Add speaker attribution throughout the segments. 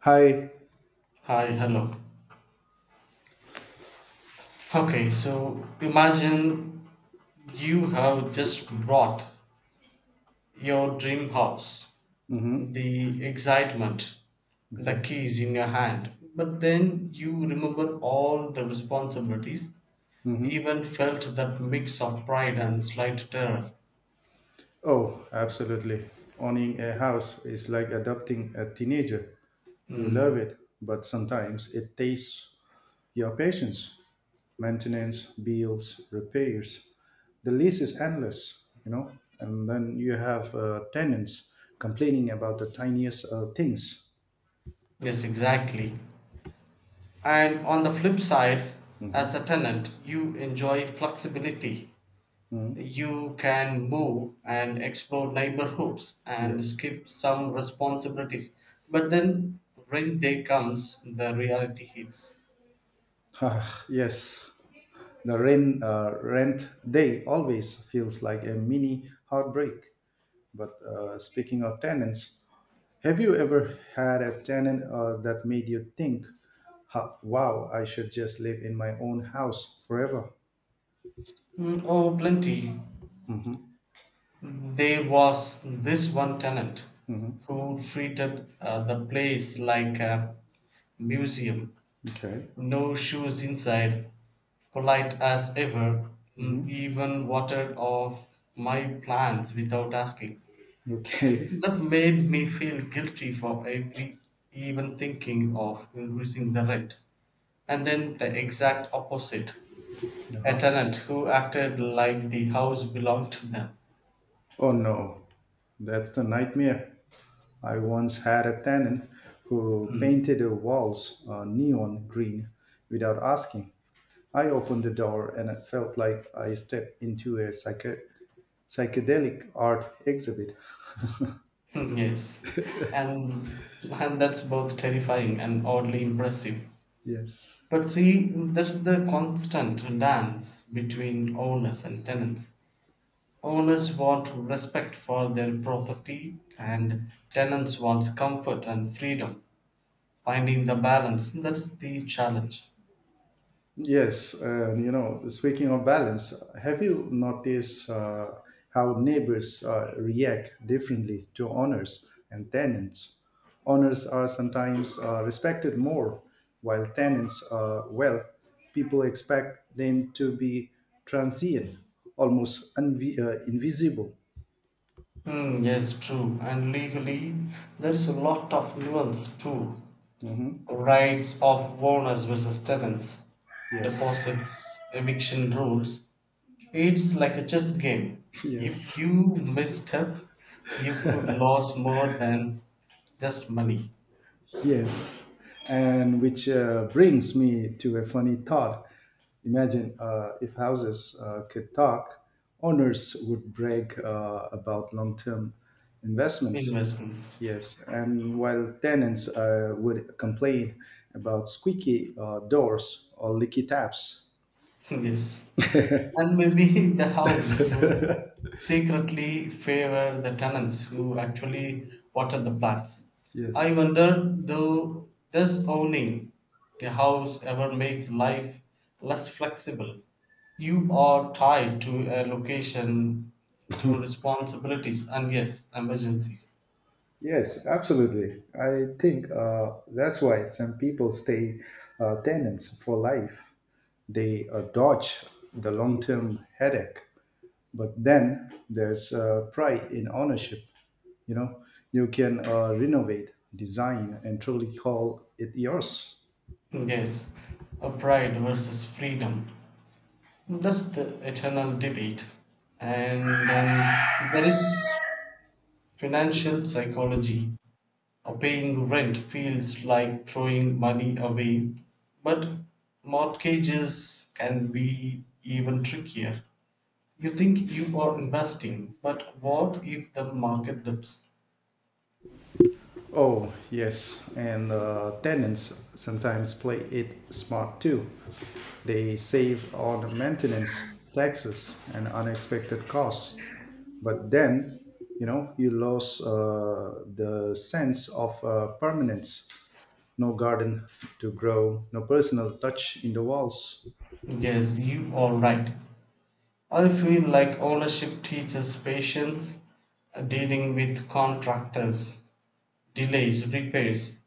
Speaker 1: Hi.
Speaker 2: Hi, hello. Okay, so imagine you have just brought your dream house,
Speaker 1: Hmm.
Speaker 2: the excitement, the
Speaker 1: Okay.
Speaker 2: keys in your hand, but then you remember all the responsibilities,
Speaker 1: Hmm.
Speaker 2: even felt that mix of pride and slight terror.
Speaker 1: Oh, absolutely. Owning a house is like adopting a teenager. You
Speaker 2: Hmm.
Speaker 1: love it, but sometimes it tastes your patience. Maintenance, bills, repairs. The lease is endless. And then you have tenants complaining about the tiniest things.
Speaker 2: Yes, exactly. And on the flip side, as
Speaker 1: Hmm.
Speaker 2: a tenant, you enjoy flexibility.
Speaker 1: Hmm.
Speaker 2: You can move and explore neighborhoods and
Speaker 1: Yes.
Speaker 2: skip some responsibilities. But then, when they comes, the reality hits.
Speaker 1: Ah, yes, the rent day always feels like a mini heartbreak. But speaking of tenants, have you ever had a tenant that made you think, "Ha, wow, I should just live in my own house forever?
Speaker 2: Mm, oh, plenty.
Speaker 1: Mm-hmm.
Speaker 2: There was this one tenant
Speaker 1: Mm-hmm.
Speaker 2: who treated the place like a museum.
Speaker 1: Okay.
Speaker 2: No shoes inside, polite as ever, mm,
Speaker 1: Mm-hmm.
Speaker 2: even watered off my plants without asking.
Speaker 1: Okay.
Speaker 2: That made me feel guilty for every even thinking of increasing the rent. And then the exact opposite, a
Speaker 1: Uh-huh.
Speaker 2: tenant who acted like the house belonged to them.
Speaker 1: Oh no, that's the nightmare. I once had a tenant who painted the walls neon green without asking. I opened the door and it felt like I stepped into a psychedelic art exhibit.
Speaker 2: Yes. And that's both terrifying and oddly impressive.
Speaker 1: Yes.
Speaker 2: But see, that's the constant dance between owners and tenants. Owners want respect for their property and tenants want comfort and freedom. Finding the balance, that's the challenge.
Speaker 1: Yes. Speaking of balance, have you noticed how neighbors react differently to owners and tenants? Owners are sometimes respected more, while tenants, well, people expect them to be transient, almost invisible.
Speaker 2: Hmm. Yes, true. And legally, there is a lot of nuance too.
Speaker 1: Mhm.
Speaker 2: Rights of owners versus tenants,
Speaker 1: Yes.
Speaker 2: deposits, eviction rules. It's like a chess game. If
Speaker 1: Yes,
Speaker 2: you misstep, you could lose more than just money,
Speaker 1: yes. And which brings me to a funny thought. Imagine if houses could talk, owners would brag about long term investments.
Speaker 2: investments.
Speaker 1: Yes, and while tenants would complain about squeaky doors or leaky taps.
Speaker 2: Yes. And maybe the house would secretly favor the tenants who actually water the plants. I
Speaker 1: yes.
Speaker 2: wonder though, does owning a house ever make life less flexible? You are tied to a location, to responsibilities, and yes, emergencies.
Speaker 1: Yes, absolutely. I think that's why some people stay tenants for life. They dodge the long term headache, but then there's pride in ownership. You know, you can renovate, design, and truly call it yours.
Speaker 2: Yes, a pride versus freedom. That's the eternal debate. And then there is financial psychology. Paying rent feels like throwing money away, but mortgages can be even trickier. You think you are investing, but what if the market dips?
Speaker 1: Oh, yes. And tenants sometimes play it smart too. They save on maintenance, taxes, and unexpected costs. But then, you know, you lose the sense of permanence. No garden to grow, no personal touch in the walls.
Speaker 2: Yes, you are right. I feel like ownership teaches patience, dealing with contractors, delays, repairs.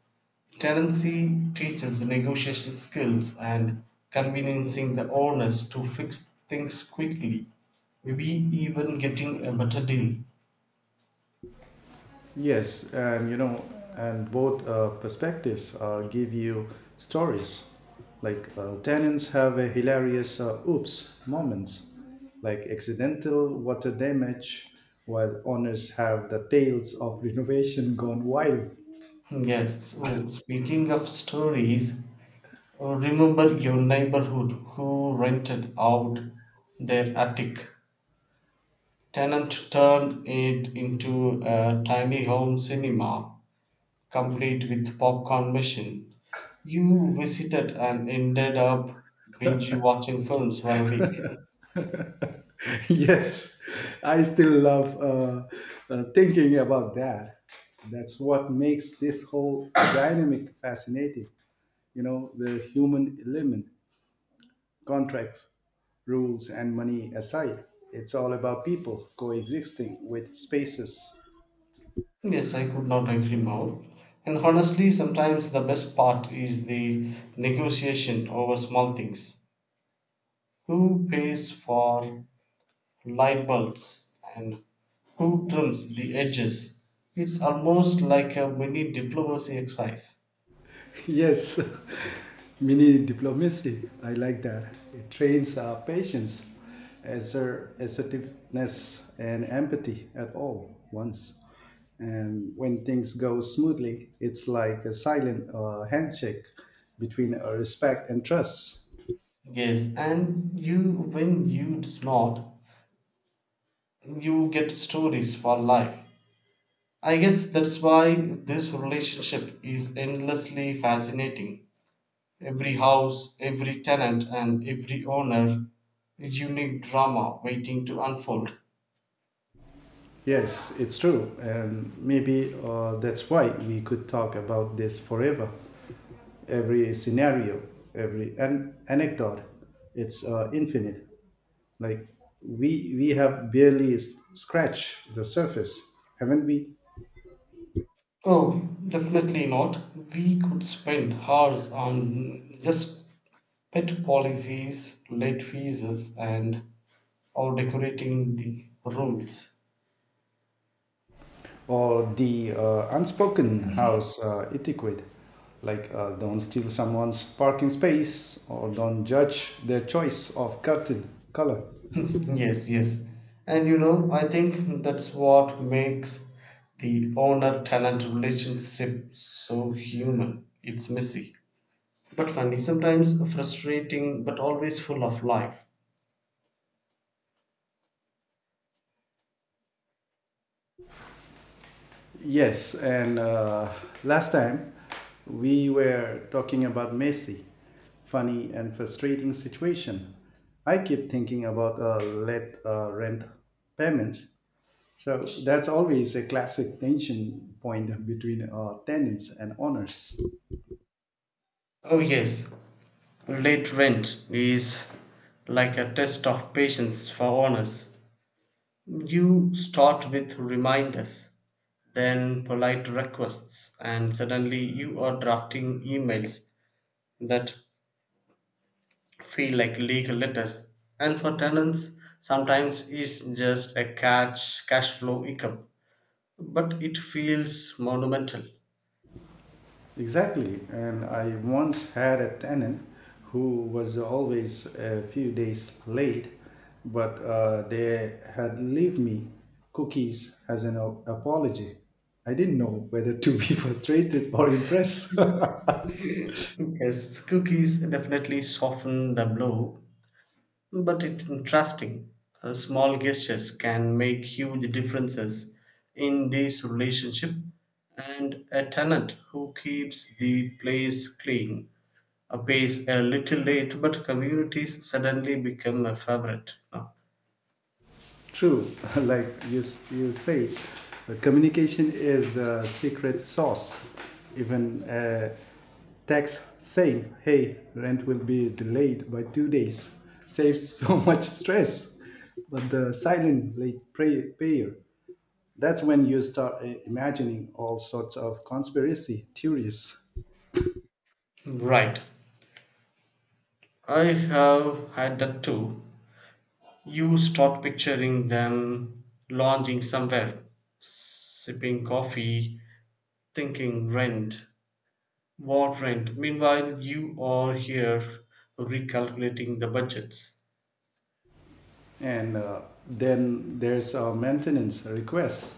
Speaker 2: Tenancy teaches negotiation skills and convening the owners to fix things quickly, maybe even getting a better deal.
Speaker 1: Yes, and you know, and both perspectives give you stories. Like tenants have a hilarious oops moments, like accidental water damage, while owners have the tales of renovation gone wild.
Speaker 2: Yes, so speaking of stories, remember your neighborhood who rented out their attic. Tennant turned it into a tiny home cinema, complete with popcorn machine. You visited and ended up binge watching films for a week.
Speaker 1: Yes, I still love thinking about that. That's what makes this whole dynamic fascinating. The human element. Contracts, rules, and money aside, it's all about people coexisting with spaces.
Speaker 2: Yes, I could not agree more. And honestly, sometimes the best part is the negotiation over small things. Who pays for light bulbs and who trims the edges? It's almost like a mini diplomacy exercise.
Speaker 1: Yes, mini diplomacy. I like that. It trains our patience, assertiveness, and empathy at all once. And when things go smoothly, it's like a silent handshake between respect and trust.
Speaker 2: Yes, and you when you smart, you get stories for life. I guess that's why this relationship is endlessly fascinating. Every house, every tenant, and every owner, a unique drama waiting to unfold.
Speaker 1: Yes, it's true. And maybe that's why we could talk about this forever. Every scenario, every anecdote, it's infinite. Like we have barely scratched the surface, haven't we?
Speaker 2: Oh, definitely not. We could spend hours on just pet policies, late fees, and or decorating the rules.
Speaker 1: Or the unspoken house etiquette, like don't steal someone's parking space or don't judge their choice of curtain color.
Speaker 2: Yes, yes. And you know, I think that's what makes the owner tenant relationship so human. It's messy, but funny, sometimes frustrating, but always full of life.
Speaker 1: Yes, and last time we were talking about messy, funny and frustrating situation. I keep thinking about let rent payments. So that's always a classic tension point between tenants and owners.
Speaker 2: Oh, yes, late rent is like a test of patience for owners. You start with reminders, then polite requests, and suddenly you are drafting emails that feel like legal letters, and for tenants sometimes it's just a cash flow hiccup but it feels monumental.
Speaker 1: Exactly. And I once had a tenant who was always a few days late, but they had left me cookies as an apology. I didn't know whether to be frustrated or impressed.
Speaker 2: Yes. Yes, cookies definitely soften the blow, but it's interesting. Small gestures can make huge differences in this relationship, and a tenant who keeps the place clean appears a little late, but communities suddenly become a favorite. Now.
Speaker 1: True, like you say, communication is the secret sauce. Even text saying, hey, rent will be delayed by 2 days saves so much stress. But the silent late payer, that's when you start imagining all sorts of conspiracy theories.
Speaker 2: Right. I have had that too. You start picturing them lounging somewhere, sipping coffee, thinking rent, what rent. Meanwhile, you are here recalculating the budgets.
Speaker 1: And then there's a maintenance request.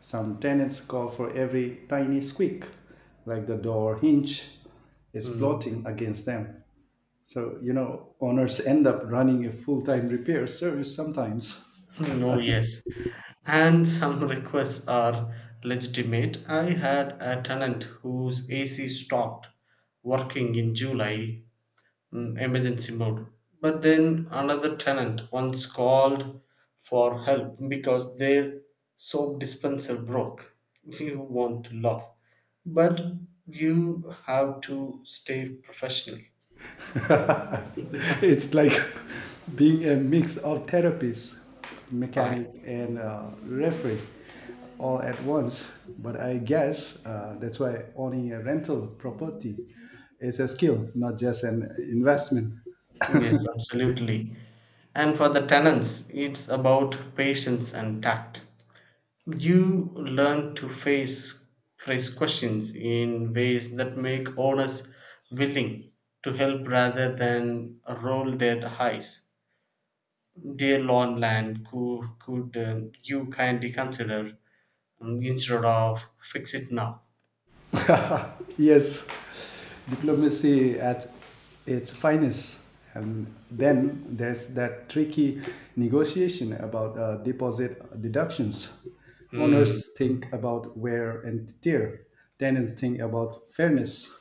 Speaker 1: Some tenants call for every tiny squeak, like the door hinge is
Speaker 2: Hmm.
Speaker 1: plotting against them. So, owners end up running a full time repair service sometimes.
Speaker 2: No, yes. And some requests are legitimate. I had a tenant whose AC stopped working in July, mm, emergency mode. But then another tenant once called for help because their soap dispenser broke. You want to laugh, but you have to stay professional.
Speaker 1: It's like being a mix of therapist, mechanic,
Speaker 2: Fine.
Speaker 1: and referee all at once. But I guess that's why owning a rental property is a skill, not just an investment.
Speaker 2: Yes, absolutely. And for the tenants, it's about patience and tact. You learn to face phrase questions in ways that make owners willing to help rather than roll their eyes. Dear lawn land, could you kindly consider instead of fix it now?
Speaker 1: Yes, diplomacy at its finest. And then there's that tricky negotiation about deposit deductions.
Speaker 2: Hmm.
Speaker 1: Owners think about wear and tear, tenants think about fairness.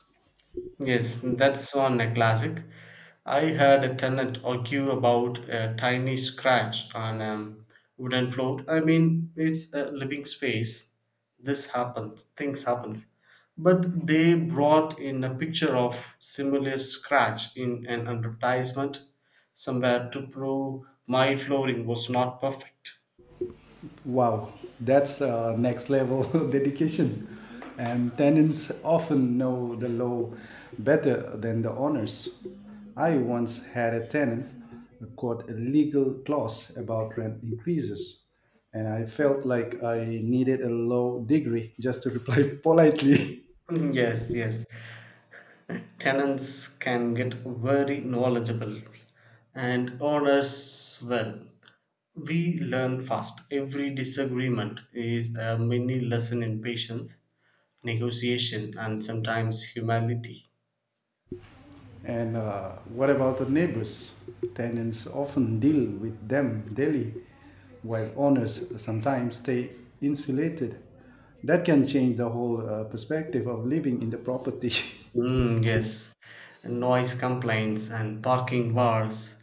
Speaker 2: Yes, that's one a classic. I heard a tenant argue about a tiny scratch on a wooden floor. I mean, it's a living space. This happens, things happens. But they brought in a picture of similar scratch in an advertisement somewhere to prove my flooring was not perfect.
Speaker 1: Wow, that's next level dedication. And tenants often know the law better than the owners. I once had a tenant quote a legal clause about rent increases, and I felt like I needed a law degree just to reply politely.
Speaker 2: Mm, yes, yes. Tenants can get very knowledgeable, and owners, well, we learn fast. Every disagreement is a mini lesson in patience, negotiation, and sometimes humility.
Speaker 1: And what about the neighbors? Tenants often deal with them daily, while owners sometimes stay insulated. That can change the whole perspective of living in the property.
Speaker 2: Mm, yes, noise complaints and parking wars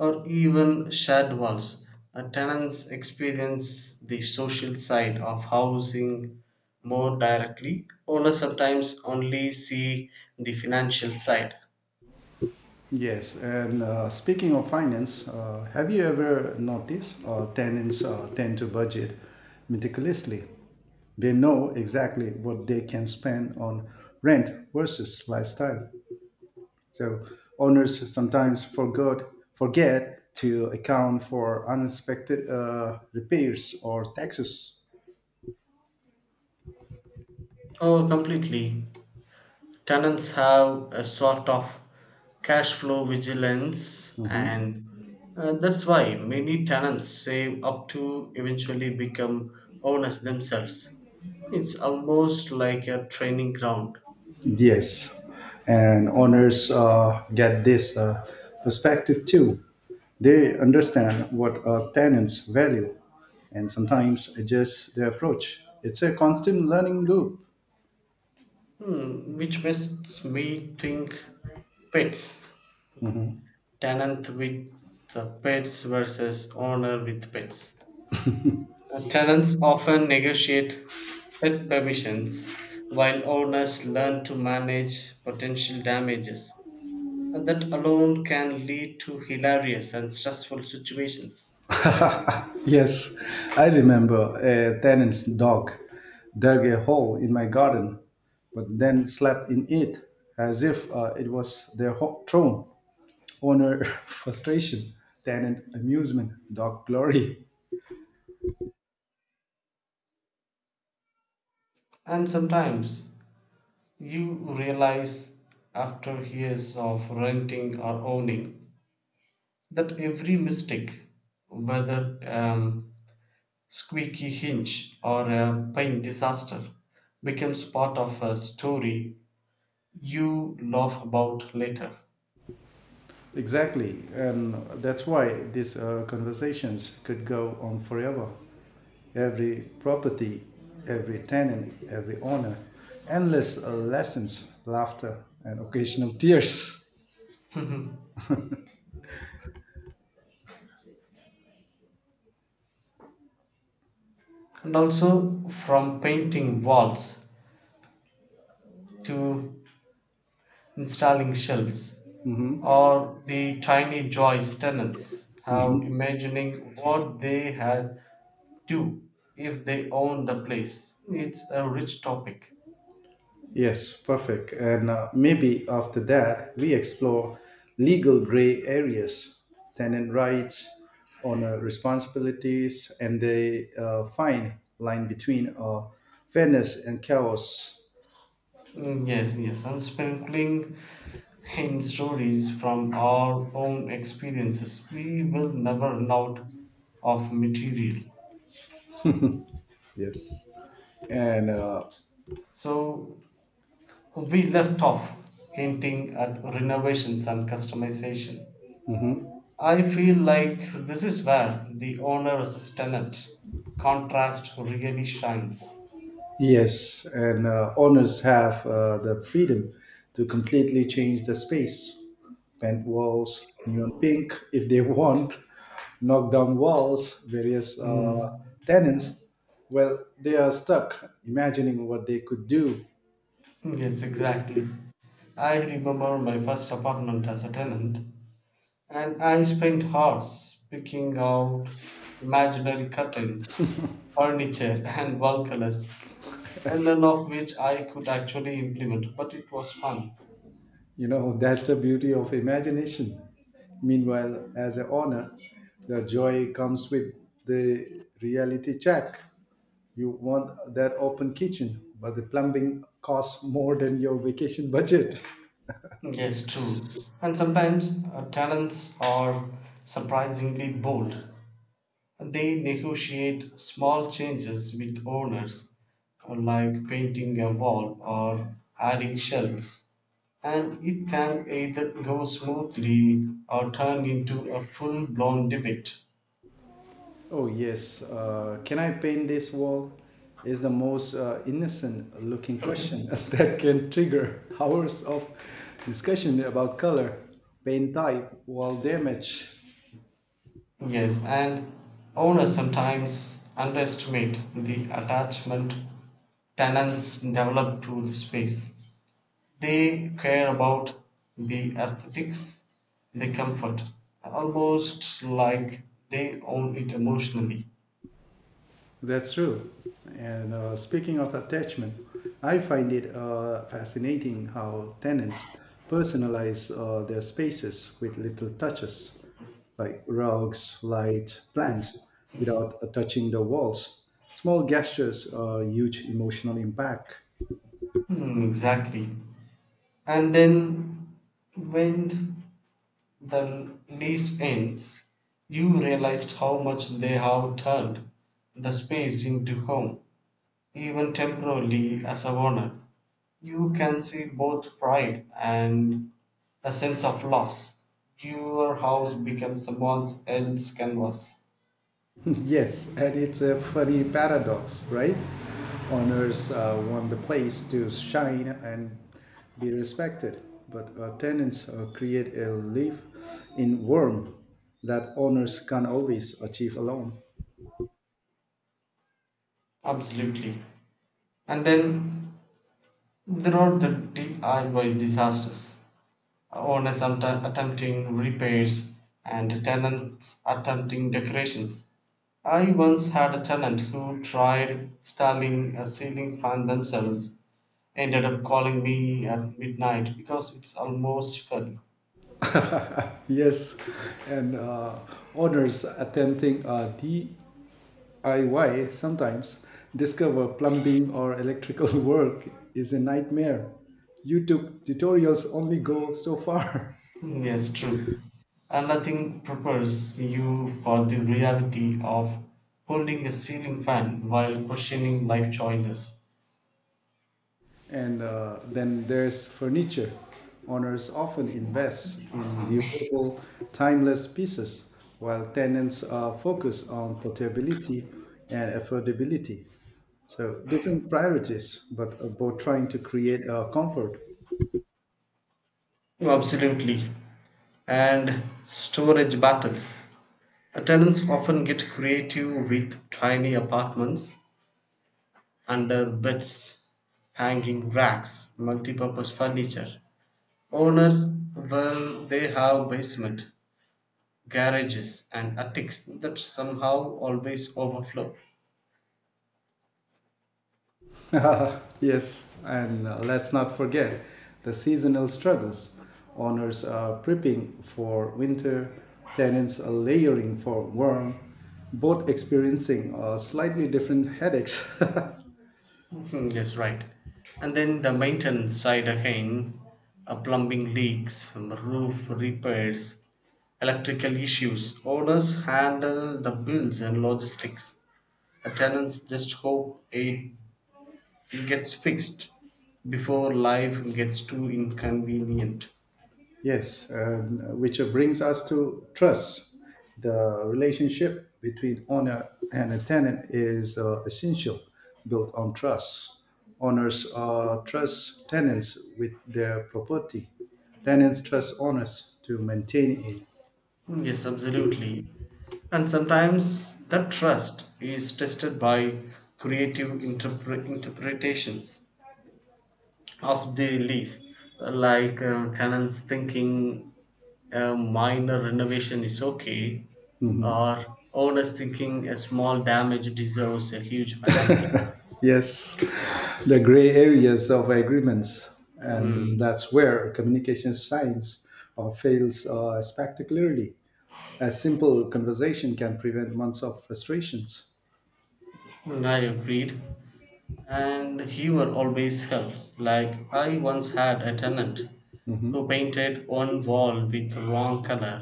Speaker 2: or even shed walls. Tenants experience the social side of housing more directly. Owners sometimes only see the financial side.
Speaker 1: Yes, and speaking of finance, have you ever noticed tenants tend to budget meticulously? They know exactly what they can spend on rent versus lifestyle. So owners sometimes forgot forget to account for unexpected repairs or taxes.
Speaker 2: Oh, completely. Tenants have a sort of cash flow vigilance,
Speaker 1: Mhm.
Speaker 2: and that's why many tenants save up to eventually become owners themselves. It's almost like a training ground.
Speaker 1: Yes, and owners get this perspective too. They understand what tenants value and sometimes adjust their approach. It's a constant learning loop.
Speaker 2: Hmm, which makes me think pets, tenant with the pets versus owner with pets. Tenants often negotiate pet permissions, while owners learn to manage potential damages. And that alone can lead to hilarious and stressful situations.
Speaker 1: Yes, I remember a tenant's dog dug a hole in my garden, but then slept in it as if it was their throne. Owner frustration, tenant amusement, dog glory.
Speaker 2: And sometimes you realize after years of renting or owning that every mistake, whether squeaky hinge or a paint disaster, becomes part of a story you laugh about later.
Speaker 1: Exactly, and that's why these conversations could go on forever. Every property, every tenant, every owner, endless lessons, laughter, and occasional tears.
Speaker 2: And also from painting walls to installing shelves, or the tiny joys tenants have imagining what they had do if they own the place, it's a rich topic.
Speaker 1: Yes, perfect. And maybe after that, we explore legal gray areas, tenant rights, owner responsibilities, and the fine line between fairness and chaos.
Speaker 2: Mm, yes, yes, and sprinkling in stories from our own experiences, we will never run out of material.
Speaker 1: Yes. And
Speaker 2: So we left off hinting at renovations and customization.
Speaker 1: mhm.
Speaker 2: I feel like this is where the owner versus tenant contrast really shines.
Speaker 1: Yes, and owners have the freedom to completely change the space. Paint walls, neon pink if they want, knock down walls, various
Speaker 2: Mm,
Speaker 1: tenants. Well, they are stuck imagining what they could do.
Speaker 2: yes, exactly. I remember my first apartment as a tenant, and I spent hours picking out imaginary curtains, furniture, and wall colors, and none of which I could actually implement, but it was fun.
Speaker 1: That's the beauty of imagination. Meanwhile, as a honor, the joy comes with the reality check. You want that open kitchen, but the plumbing costs more than your vacation budget.
Speaker 2: Yes, true. And sometimes tenants are surprisingly bold. They negotiate small changes with owners, like painting a wall or adding shelves, and it can either go smoothly or turn into a full blown debate.
Speaker 1: Oh, yes. Can I paint this wall? Is the most innocent looking question that can trigger hours of discussion about color, paint type, wall damage.
Speaker 2: Yes, and owners sometimes underestimate the attachment tenants develop to the space. They care about the aesthetics, the comfort, almost like they own it emotionally.
Speaker 1: That's true. And speaking of attachment, I find it fascinating how tenants personalize their spaces with little touches, like rugs, light, plants, without touching the walls. Small gestures are huge emotional impact.
Speaker 2: Hmm, exactly. And then when the lease ends, you realized how much they have turned the space into home. Even temporarily, as a owner, you can see both pride and a sense of loss. Your house becomes someone else's canvas.
Speaker 1: Yes, and it's a funny paradox, right? Owners want the place to shine and be respected, but tenants create a life in warmth that owners can't always achieve alone.
Speaker 2: Absolutely. And then there are the DIY disasters. Owners attempting repairs and tenants attempting decorations. I once had a tenant who tried installing a ceiling fan themselves, ended up calling me at midnight because it's almost curly.
Speaker 1: Yes, and owners attempting DIY sometimes discover plumbing or electrical work is a nightmare. YouTube tutorials only go so far.
Speaker 2: Mm, yes, true. And nothing prepares you for the reality of holding a ceiling fan while questioning life choices.
Speaker 1: And then there's furniture. Owners often invest in
Speaker 2: Um,
Speaker 1: durable, timeless pieces, while tenants are focused on portability and affordability. So different priorities, but both trying to create comfort.
Speaker 2: Absolutely. And storage battles. Tenants often get creative with tiny apartments, under beds, hanging racks, multi-purpose furniture. Owners, well, they have basement, garages, and attics that somehow always overflow.
Speaker 1: Yes, and let's not forget the seasonal struggles. Owners are prepping for winter, tenants are layering for warm, both experiencing slightly different headaches.
Speaker 2: Mhm, yes, right. And then the maintenance side again, plumbing leaks, roof repairs, electrical issues. Owners handle the bills and logistics. The tenants just hope it gets fixed before life gets too inconvenient.
Speaker 1: Yes, and which brings us to trust. The relationship between owner and a tenant is essential, built on trust. Owners trust tenants with their property. Tenants trust owners to maintain it.
Speaker 2: Mm, yes, absolutely. And sometimes that trust is tested by creative interpretations of the lease, like tenants thinking a minor renovation is okay, or owners thinking a small damage deserves a huge penalty.
Speaker 1: Yes, the gray areas of agreements, and
Speaker 2: Hmm.
Speaker 1: that's where communication science fails spectacularly. A simple conversation can prevent months of frustrations.
Speaker 2: I agreed, and humor always helps. Like, I once had a tenant who
Speaker 1: Mhm.
Speaker 2: painted one wall with the wrong color.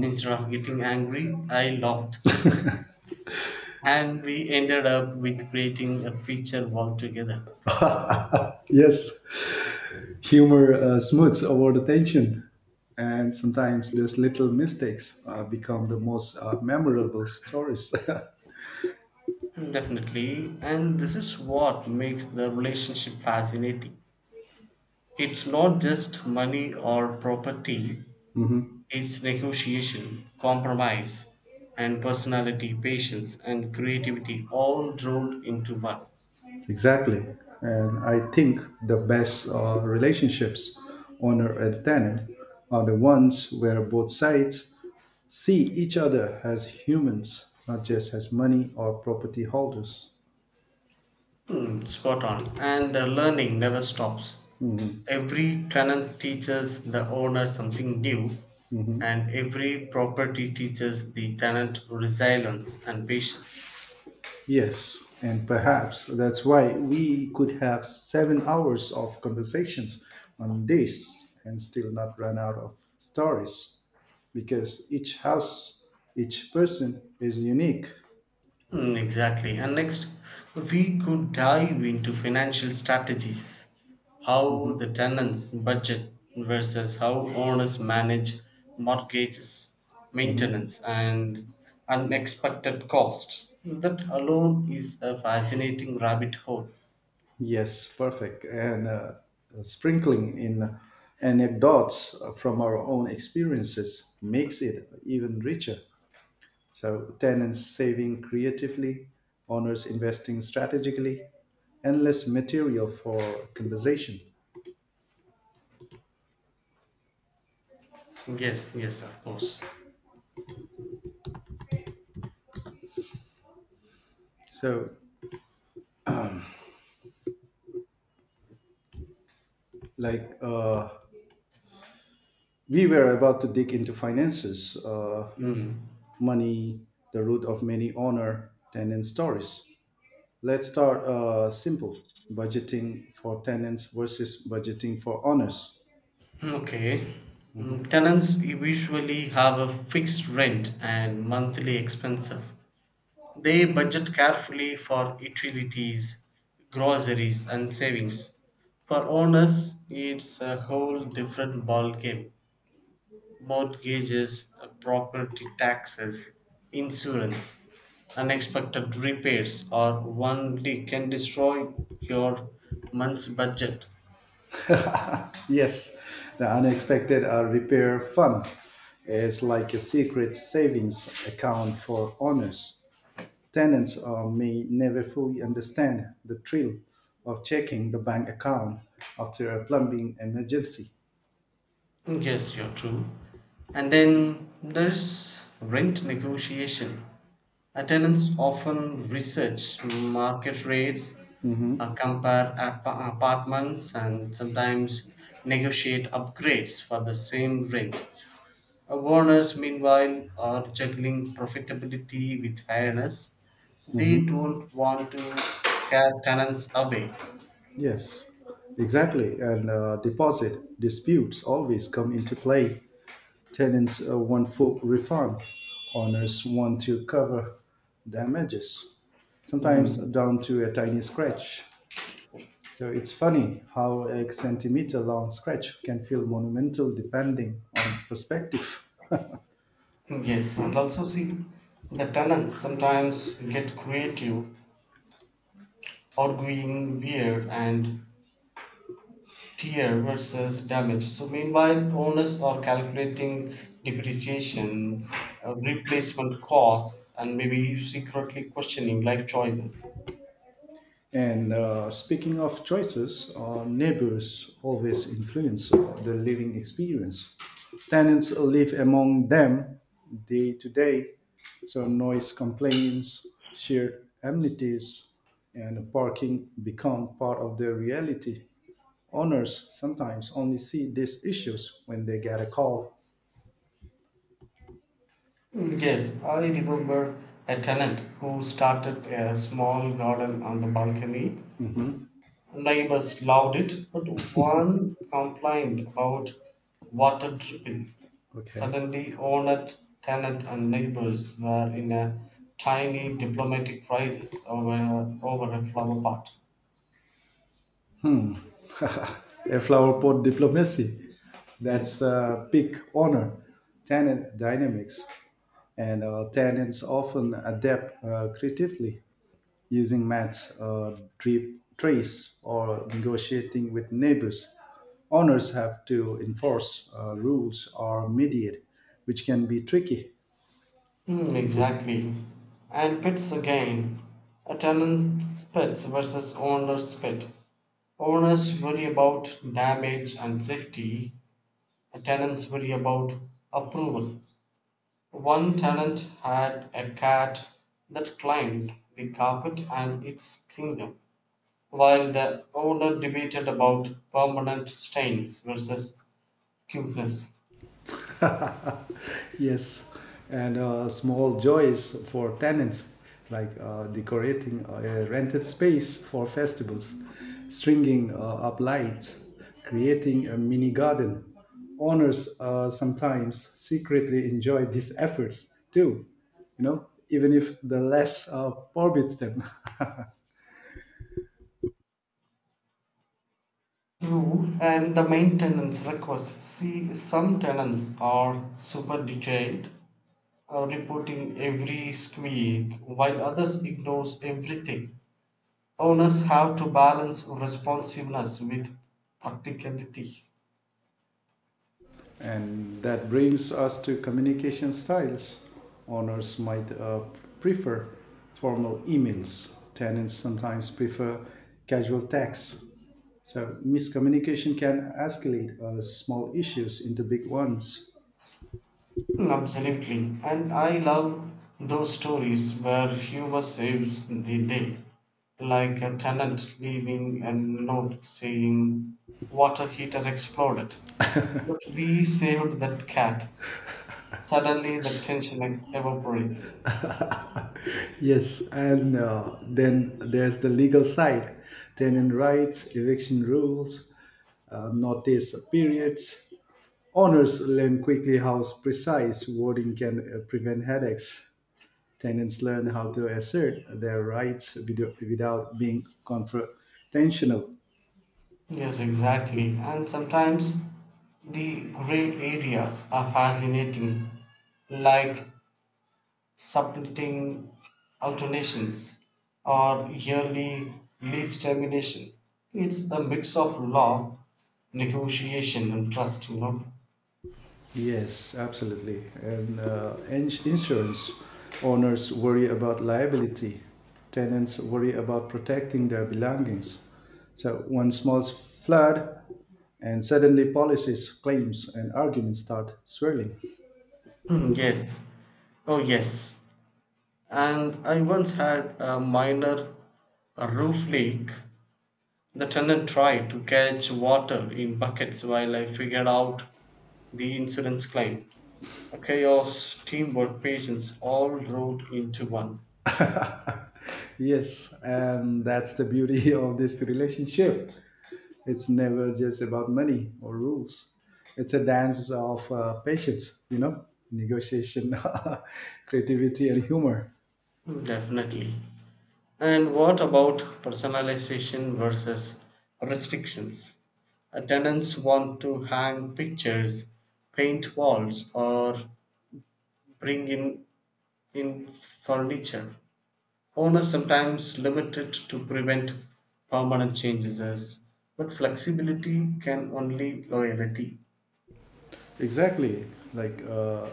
Speaker 2: Instead of getting angry, I laughed, and we ended up with creating a feature wall together.
Speaker 1: Yes, humor smooths over the tension, and sometimes those little mistakes become the most memorable stories.
Speaker 2: Definitely, and this is what makes the relationship fascinating. It's not just money or property,
Speaker 1: Mhm.
Speaker 2: it's negotiation, compromise, and personality, patience, and creativity all rolled into one.
Speaker 1: Exactly, and I think the best relationships, honor and tenor, are the ones where both sides see each other as humans, not just as money or property holders.
Speaker 2: Hmm, spot on. And the learning never stops.
Speaker 1: Mhm.
Speaker 2: Every tenant teaches the owner something new,
Speaker 1: Mhm.
Speaker 2: and every property teaches the tenant resilience and patience.
Speaker 1: Yes, and perhaps that's why we could have 7 hours of conversations on this and still not run out of stories because each house, each person is unique.
Speaker 2: Mm, exactly. And next, we could dive into financial strategies, how
Speaker 1: Mhm.
Speaker 2: the tenants budget versus how owners manage mortgages,
Speaker 1: Mhm.
Speaker 2: maintenance, and unexpected costs. That alone is a fascinating rabbit hole.
Speaker 1: Yes, perfect. And sprinkling in anecdotes from our own experiences makes it even richer. So, tenants saving creatively, owners investing strategically, and less material for conversation.
Speaker 2: Yes, yes, of course.
Speaker 1: So, like, we were about to dig into finances,
Speaker 2: Mm.
Speaker 1: money, the root of many owner tenant stories. Let's start simple budgeting for tenants versus budgeting for owners.
Speaker 2: Okay. Mm, tenants usually have a fixed rent and monthly expenses. They budget carefully for utilities, groceries, and savings. For owners, it's a whole different ballgame. Mortgages, property taxes, insurance, unexpected repairs, or one leak can destroy your month's budget.
Speaker 1: Yes, the unexpected repair fund is like a secret savings account for owners. Tenants may never fully understand the thrill of checking the bank account after a plumbing emergency.
Speaker 2: Yes, you're true. And then there's rent negotiation. Tenants often research market rates,
Speaker 1: Mhm.
Speaker 2: compare apartments, and sometimes negotiate upgrades for the same rent. Owners, meanwhile, are juggling profitability with fairness. They
Speaker 1: Mhm.
Speaker 2: don't want to scare tenants away.
Speaker 1: Yes, exactly. And deposit disputes always come into play. Tenants want full refund. Owners want to cover damages, sometimes down to a tiny scratch. So it's funny how a centimeter long scratch can feel monumental depending on perspective.
Speaker 2: Yes, and also see the tenants sometimes get creative arguing wear and tear versus damage. So meanwhile, owners are calculating depreciation, replacement costs, and maybe secretly questioning life choices.
Speaker 1: And speaking of choices, neighbors always influence the living experience. Tenants live among them day to day, so noise complaints, shared amenities, and parking become part of their reality. Owners sometimes only see these issues when they get a call.
Speaker 2: Mm, yes, I remember a tenant who started a small garden on the balcony.
Speaker 1: Mhm.
Speaker 2: Neighbors loved it, but one complained about water dripping.
Speaker 1: Okay.
Speaker 2: Suddenly, owner, tenant, and neighbors were in a tiny diplomatic crisis over a flower pot.
Speaker 1: A flower pot diplomacy. That's
Speaker 2: Yes.
Speaker 1: a big honor. Tenant dynamics and tenants often adapt creatively using mats, drip trays, or negotiating with neighbors. Owners have to enforce rules or mediate, which can be tricky.
Speaker 2: Exactly. And pets again. A tenant's pets versus owner's pet. Owners worry about damage and safety. A tenants worry about approval. One tenant had a cat that climbed the carpet and its kingdom, while the owner debated about permanent stains versus cuteness.
Speaker 1: Yes, and small joys for tenants, like decorating a rented space for festivals, stringing up lights, creating a mini garden. Owners sometimes secretly enjoy these efforts too, you know, even if the less forbids them.
Speaker 2: True, and the maintenance request. See, some tenants are super detailed, reporting every squeak, while others ignores everything. Owners have to balance responsiveness with practicality.
Speaker 1: And that brings us to communication styles. Owners might prefer formal emails, tenants sometimes prefer casual texts. So, miscommunication can escalate small issues into big ones.
Speaker 2: Absolutely. And I love those stories where humor saves the day, like a tenant leaving a note saying, water heater exploded. But we saved that cat. Suddenly the tension evaporates.
Speaker 1: Yes, and then there's the legal side tenant rights, eviction rules, notice periods. Owners learn quickly how precise wording can prevent headaches. Tenants learn how to assert their rights without being confrontational.
Speaker 2: Yes, exactly. And sometimes the gray areas are fascinating, like subletting, alternations, or yearly lease termination. It's a mix of law, negotiation, and trust, you know.
Speaker 1: Yes, absolutely. And insurance owners worry about liability, tenants worry about protecting their belongings. So, one small flood, and suddenly policies, claims, and arguments start swirling.
Speaker 2: Hmm, yes. Oh, yes. And I once had a minor roof leak. The tenant tried to catch water in buckets while I figured out the insurance claim. Chaos, teamwork, patience all rolled into one.
Speaker 1: Yes, and that's the beauty of this relationship. It's never just about money or rules. It's a dance of patience, you know, negotiation, creativity, and humor.
Speaker 2: Definitely. And what about personalization versus restrictions? Tenants want to hang pictures, paint walls, or bring in furniture. Owners sometimes limit it to prevent permanent changes, but flexibility can only loyalty.
Speaker 1: Exactly. Like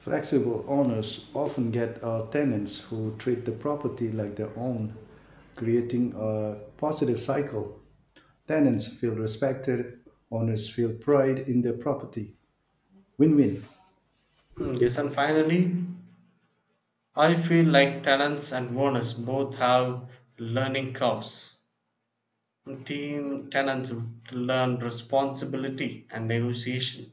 Speaker 1: flexible owners often get tenants who treat the property like their own, creating a positive cycle. Tenants feel respected, owners feel pride in their property. Win win.
Speaker 2: Yes, and finally, I feel like tenants and owners both have learning curves. Teen tenants learn responsibility and negotiation.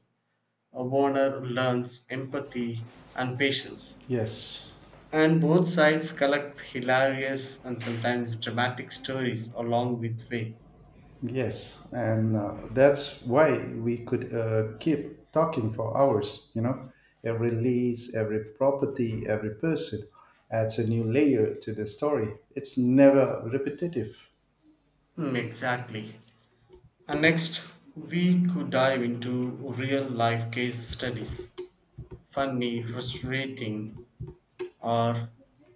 Speaker 2: A owner learns empathy and patience.
Speaker 1: Yes.
Speaker 2: And both sides collect hilarious and sometimes dramatic stories along with way.
Speaker 1: Yes, and that's why we could keep talking for hours, you know. Every lease, every property, every person adds a new layer to the story. It's never repetitive.
Speaker 2: Exactly. And next, we could dive into real life case studies, funny, frustrating, or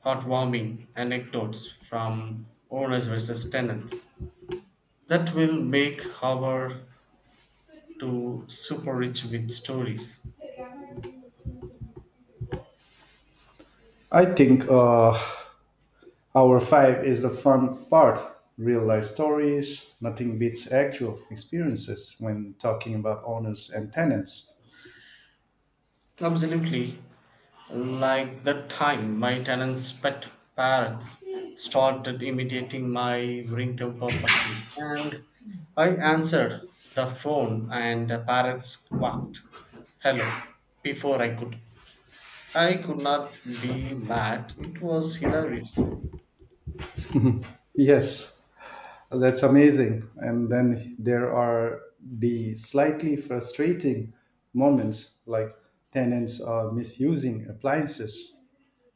Speaker 2: heartwarming anecdotes from owners versus tenants that will make our to super rich with stories.
Speaker 1: I think hour five is the fun part. Real life stories, nothing beats actual experiences when talking about owners and tenants.
Speaker 2: Absolutely. Like that time my tenant's pet parents started imitating my ringtone perfectly. And I answered the phone and the parents quacked. Hello. Before I could. I could not be mad. It was hilarious.
Speaker 1: Yes, that's amazing. And then there are the slightly frustrating moments like tenants are misusing appliances.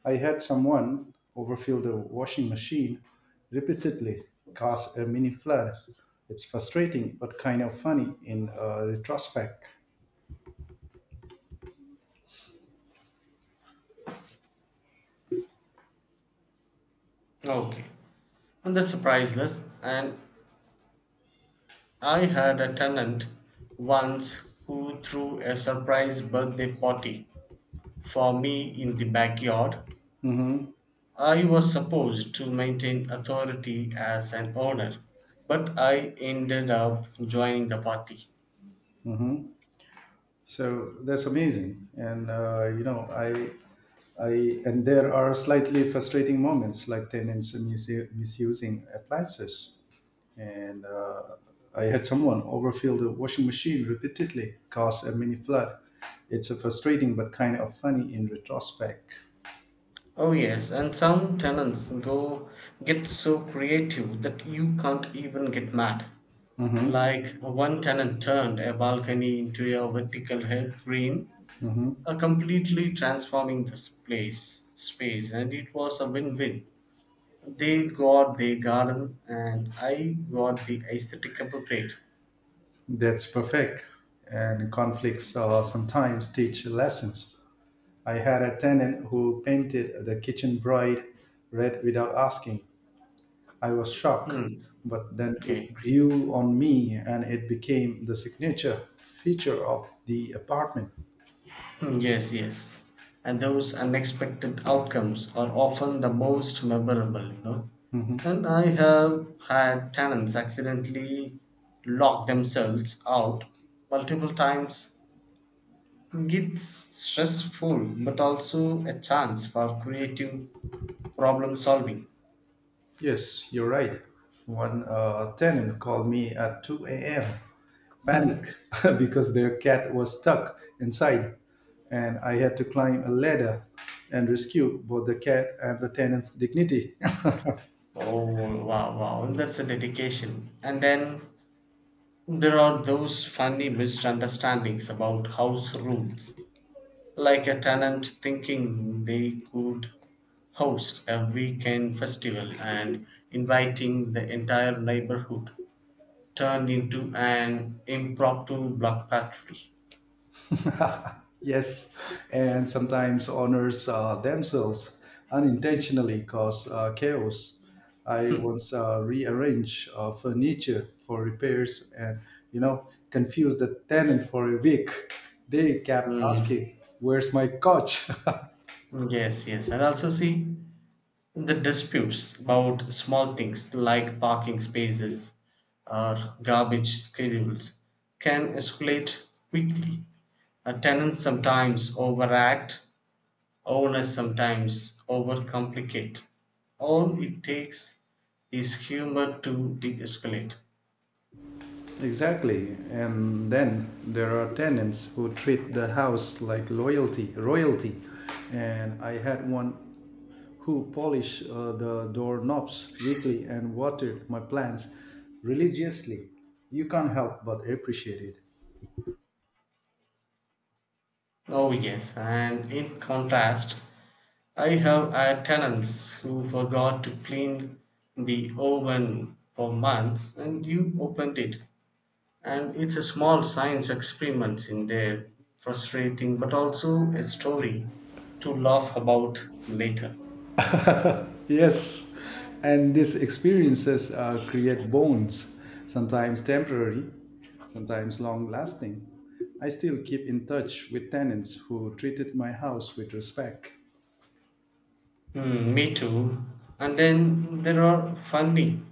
Speaker 1: I had someone overfill the washing machine repeatedly, cause a mini flood. It's frustrating, but kind of funny in retrospect.
Speaker 2: Okay. And that's priceless. And I had a tenant once who threw a surprise birthday party for me in the backyard.
Speaker 1: Mm-hmm,
Speaker 2: I was supposed to maintain authority as an owner, but I ended up joining the party.
Speaker 1: mm-hmm. So that's amazing, and you know, and there are slightly frustrating moments like tenants misusing appliances. And I had someone overfill the washing machine repeatedly, cause a mini flood. It's a frustrating but kind of funny in retrospect.
Speaker 2: Oh yes, and some tenants go get so creative that you can't even get mad.
Speaker 1: Hmm.
Speaker 2: Like one tenant turned a balcony into a vertical herb green,
Speaker 1: Hmm.
Speaker 2: completely transforming this place space, and it was a win-win. They got the garden and I got the aesthetic upgrade.
Speaker 1: That's perfect. And conflicts sometimes teach lessons. I had a tenant who painted the kitchen bride red without asking. I was shocked,
Speaker 2: hmm.
Speaker 1: but then
Speaker 2: okay
Speaker 1: it grew on me and it became the signature feature of the apartment.
Speaker 2: Yes, yes, and those unexpected outcomes are often the most memorable, you know.
Speaker 1: Mm-hmm.
Speaker 2: And I have had tenants accidentally lock themselves out multiple times. It's stressful, but also a chance for creative problem solving.
Speaker 1: Yes, you're right. One tenant called me at 2 a.m. panic because their cat was stuck inside, and I had to climb a ladder and rescue both the cat and the tenant's dignity.
Speaker 2: Oh, wow, wow, that's a dedication. And then there are those funny misunderstandings about house rules, like a tenant thinking they could host a weekend festival and inviting the entire neighborhood turned into an impromptu block party.
Speaker 1: Yes, and sometimes honors themselves unintentionally cause chaos. I once rearranged furniture for repairs and, you know, confused the tenant for a week. They kept
Speaker 2: Mm,
Speaker 1: asking, "Where's my couch?"
Speaker 2: Yes, yes. And also see, the disputes about small things like parking spaces or garbage schedules can escalate quickly. Tenants sometimes overact, owners sometimes overcomplicate. All it takes is humor to de escalate.
Speaker 1: Exactly. And then there are tenants who treat the house like loyalty, royalty. And I had one who polish the doorknobs weekly and water my plants religiously. You can't help but appreciate it.
Speaker 2: Oh, yes, and in contrast, I have had tenants who forgot to clean the oven for months and you opened it and it's a small science experiment in there. Frustrating, but also a story to laugh about later.
Speaker 1: Yes, and these experiences create bonds, sometimes temporary, sometimes long lasting. I still keep in touch with tenants who treated my house with respect.
Speaker 2: Me too, and then there are funny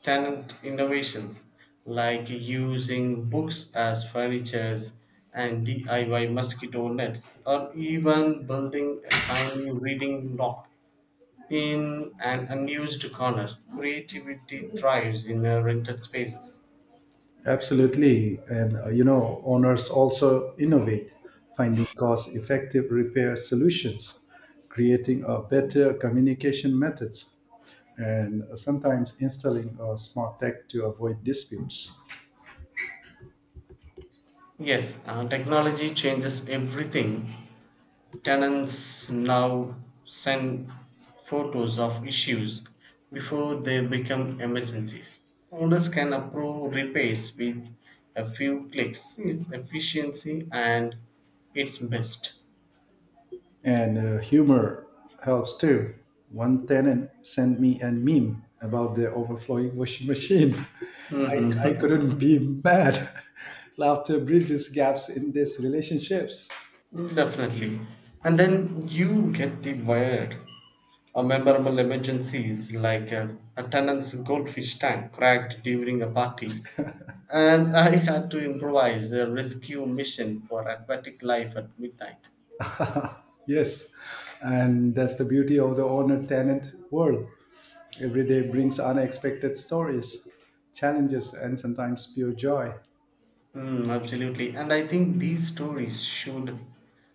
Speaker 2: tenant innovations like using books as furnitures and diy mosquito nets, or even building a tiny reading nook in an unused corner. Creativity thrives in rented spaces.
Speaker 1: Absolutely. And, you know, owners also innovate, finding cost effective repair solutions, creating a better communication methods, and sometimes installing a smart tech to avoid disputes.
Speaker 2: Yes, technology changes everything. Tenants now send photos of issues before they become emergencies. Owners can approve repairs with a few clicks. It's efficiency and it's best.
Speaker 1: And humor helps too. One tenant sent me a meme about the overflowing washing machine. I
Speaker 2: Mhm.
Speaker 1: couldn't be mad. Laughter bridges gaps in these relationships.
Speaker 2: Definitely. And then you get the wild, memorable emergencies like a tenant's goldfish tank cracked during a party. And I had to improvise a rescue mission for aquatic life at midnight.
Speaker 1: Yes, and that's the beauty of the owner tenant world. Every day brings unexpected stories, challenges, and sometimes pure joy.
Speaker 2: Absolutely. And I think these stories should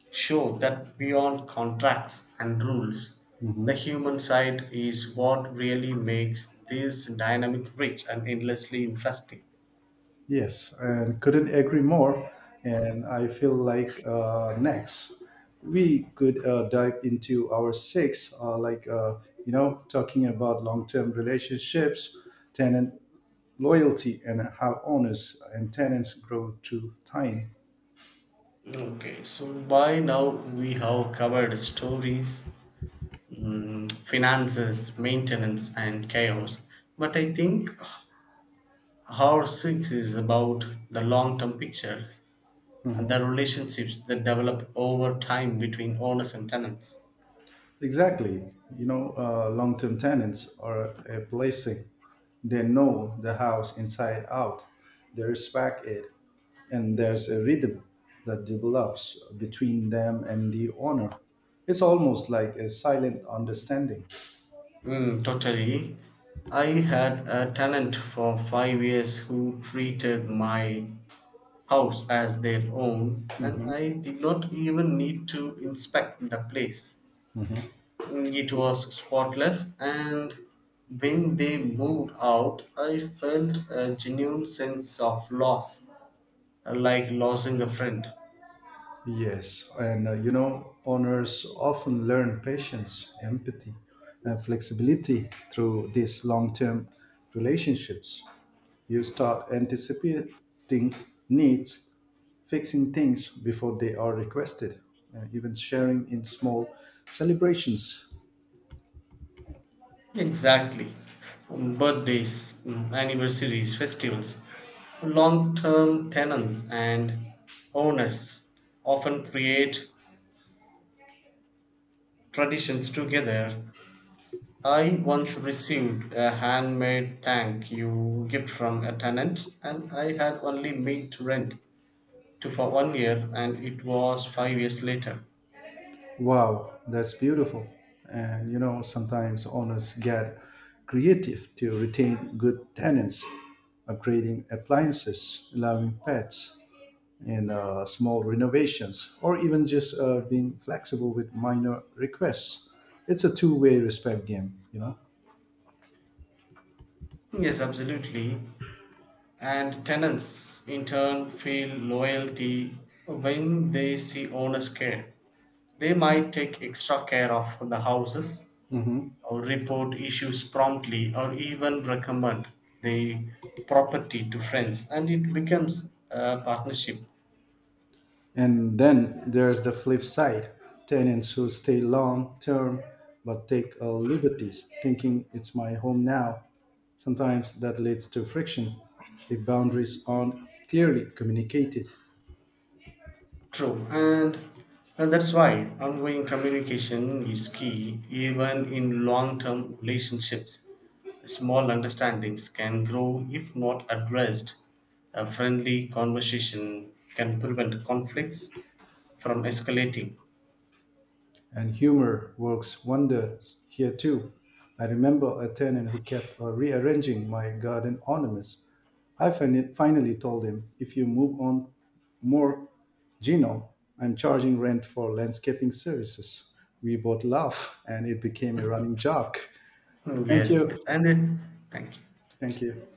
Speaker 2: show that beyond contracts and rules, the
Speaker 1: Mhm.
Speaker 2: human side is what really makes this dynamic rich and endlessly interesting.
Speaker 1: Yes, and couldn't agree more. And I feel like next we could dive into our six, like you know, talking about long-term relationships, tenant loyalty, and how owners and tenants grow through time.
Speaker 2: Okay, so by now we have covered stories, mm, finances, maintenance, and chaos. But I think our six is about the long term pictures and the relationships that develop over time between owners and tenants.
Speaker 1: Exactly. You know, long term tenants are a blessing. They know the house inside out, they respect it, and there's a rhythm that develops between them and the owner. It's almost like a silent understanding.
Speaker 2: Totally. I had a tenant for 5 years who treated my house as their own, and
Speaker 1: Mhm.
Speaker 2: I did not even need to inspect the place. It was spotless, and when they moved out, I felt a genuine sense of loss, like losing a friend.
Speaker 1: Yes, and you know, owners often learn patience, empathy, and flexibility through these long term relationships. You start anticipating needs, fixing things before they are requested, and even sharing in small celebrations.
Speaker 2: Exactly. Birthdays, mm, anniversaries, festivals, long term tenants and owners often create traditions together. I once received a handmade thank you gift from a tenant, and I had only meat to rent to for 1 year, and it was 5 years later.
Speaker 1: Wow, that's beautiful. And you know, sometimes owners get creative to retain good tenants, upgrading appliances, allowing pets, and small renovations, or even just being flexible with minor requests. It's a two-way respect game, you know?
Speaker 2: Yes, absolutely. And tenants in turn feel loyalty when they see owners care. They might take extra care of the houses,
Speaker 1: Mhm.
Speaker 2: or report issues promptly, or even recommend the property to friends, and it becomes a partnership.
Speaker 1: And then there's the flip side tenants who stay long term but take liberties, thinking it's my home now. Sometimes that leads to friction if boundaries aren't clearly communicated.
Speaker 2: True, and that's why ongoing communication is key even in long-term relationships. Small understandings can grow if not addressed. A friendly conversation can prevent conflicts from escalating.
Speaker 1: And humor works wonders here too. I remember a tenant who kept rearranging my garden ornaments. I finally told him, if you move on more, Gino, I'm charging rent for landscaping services. We both laugh and it became a running joke. Thank
Speaker 2: Yes, yes,
Speaker 1: you.
Speaker 2: and it, thank you.
Speaker 1: Thank you.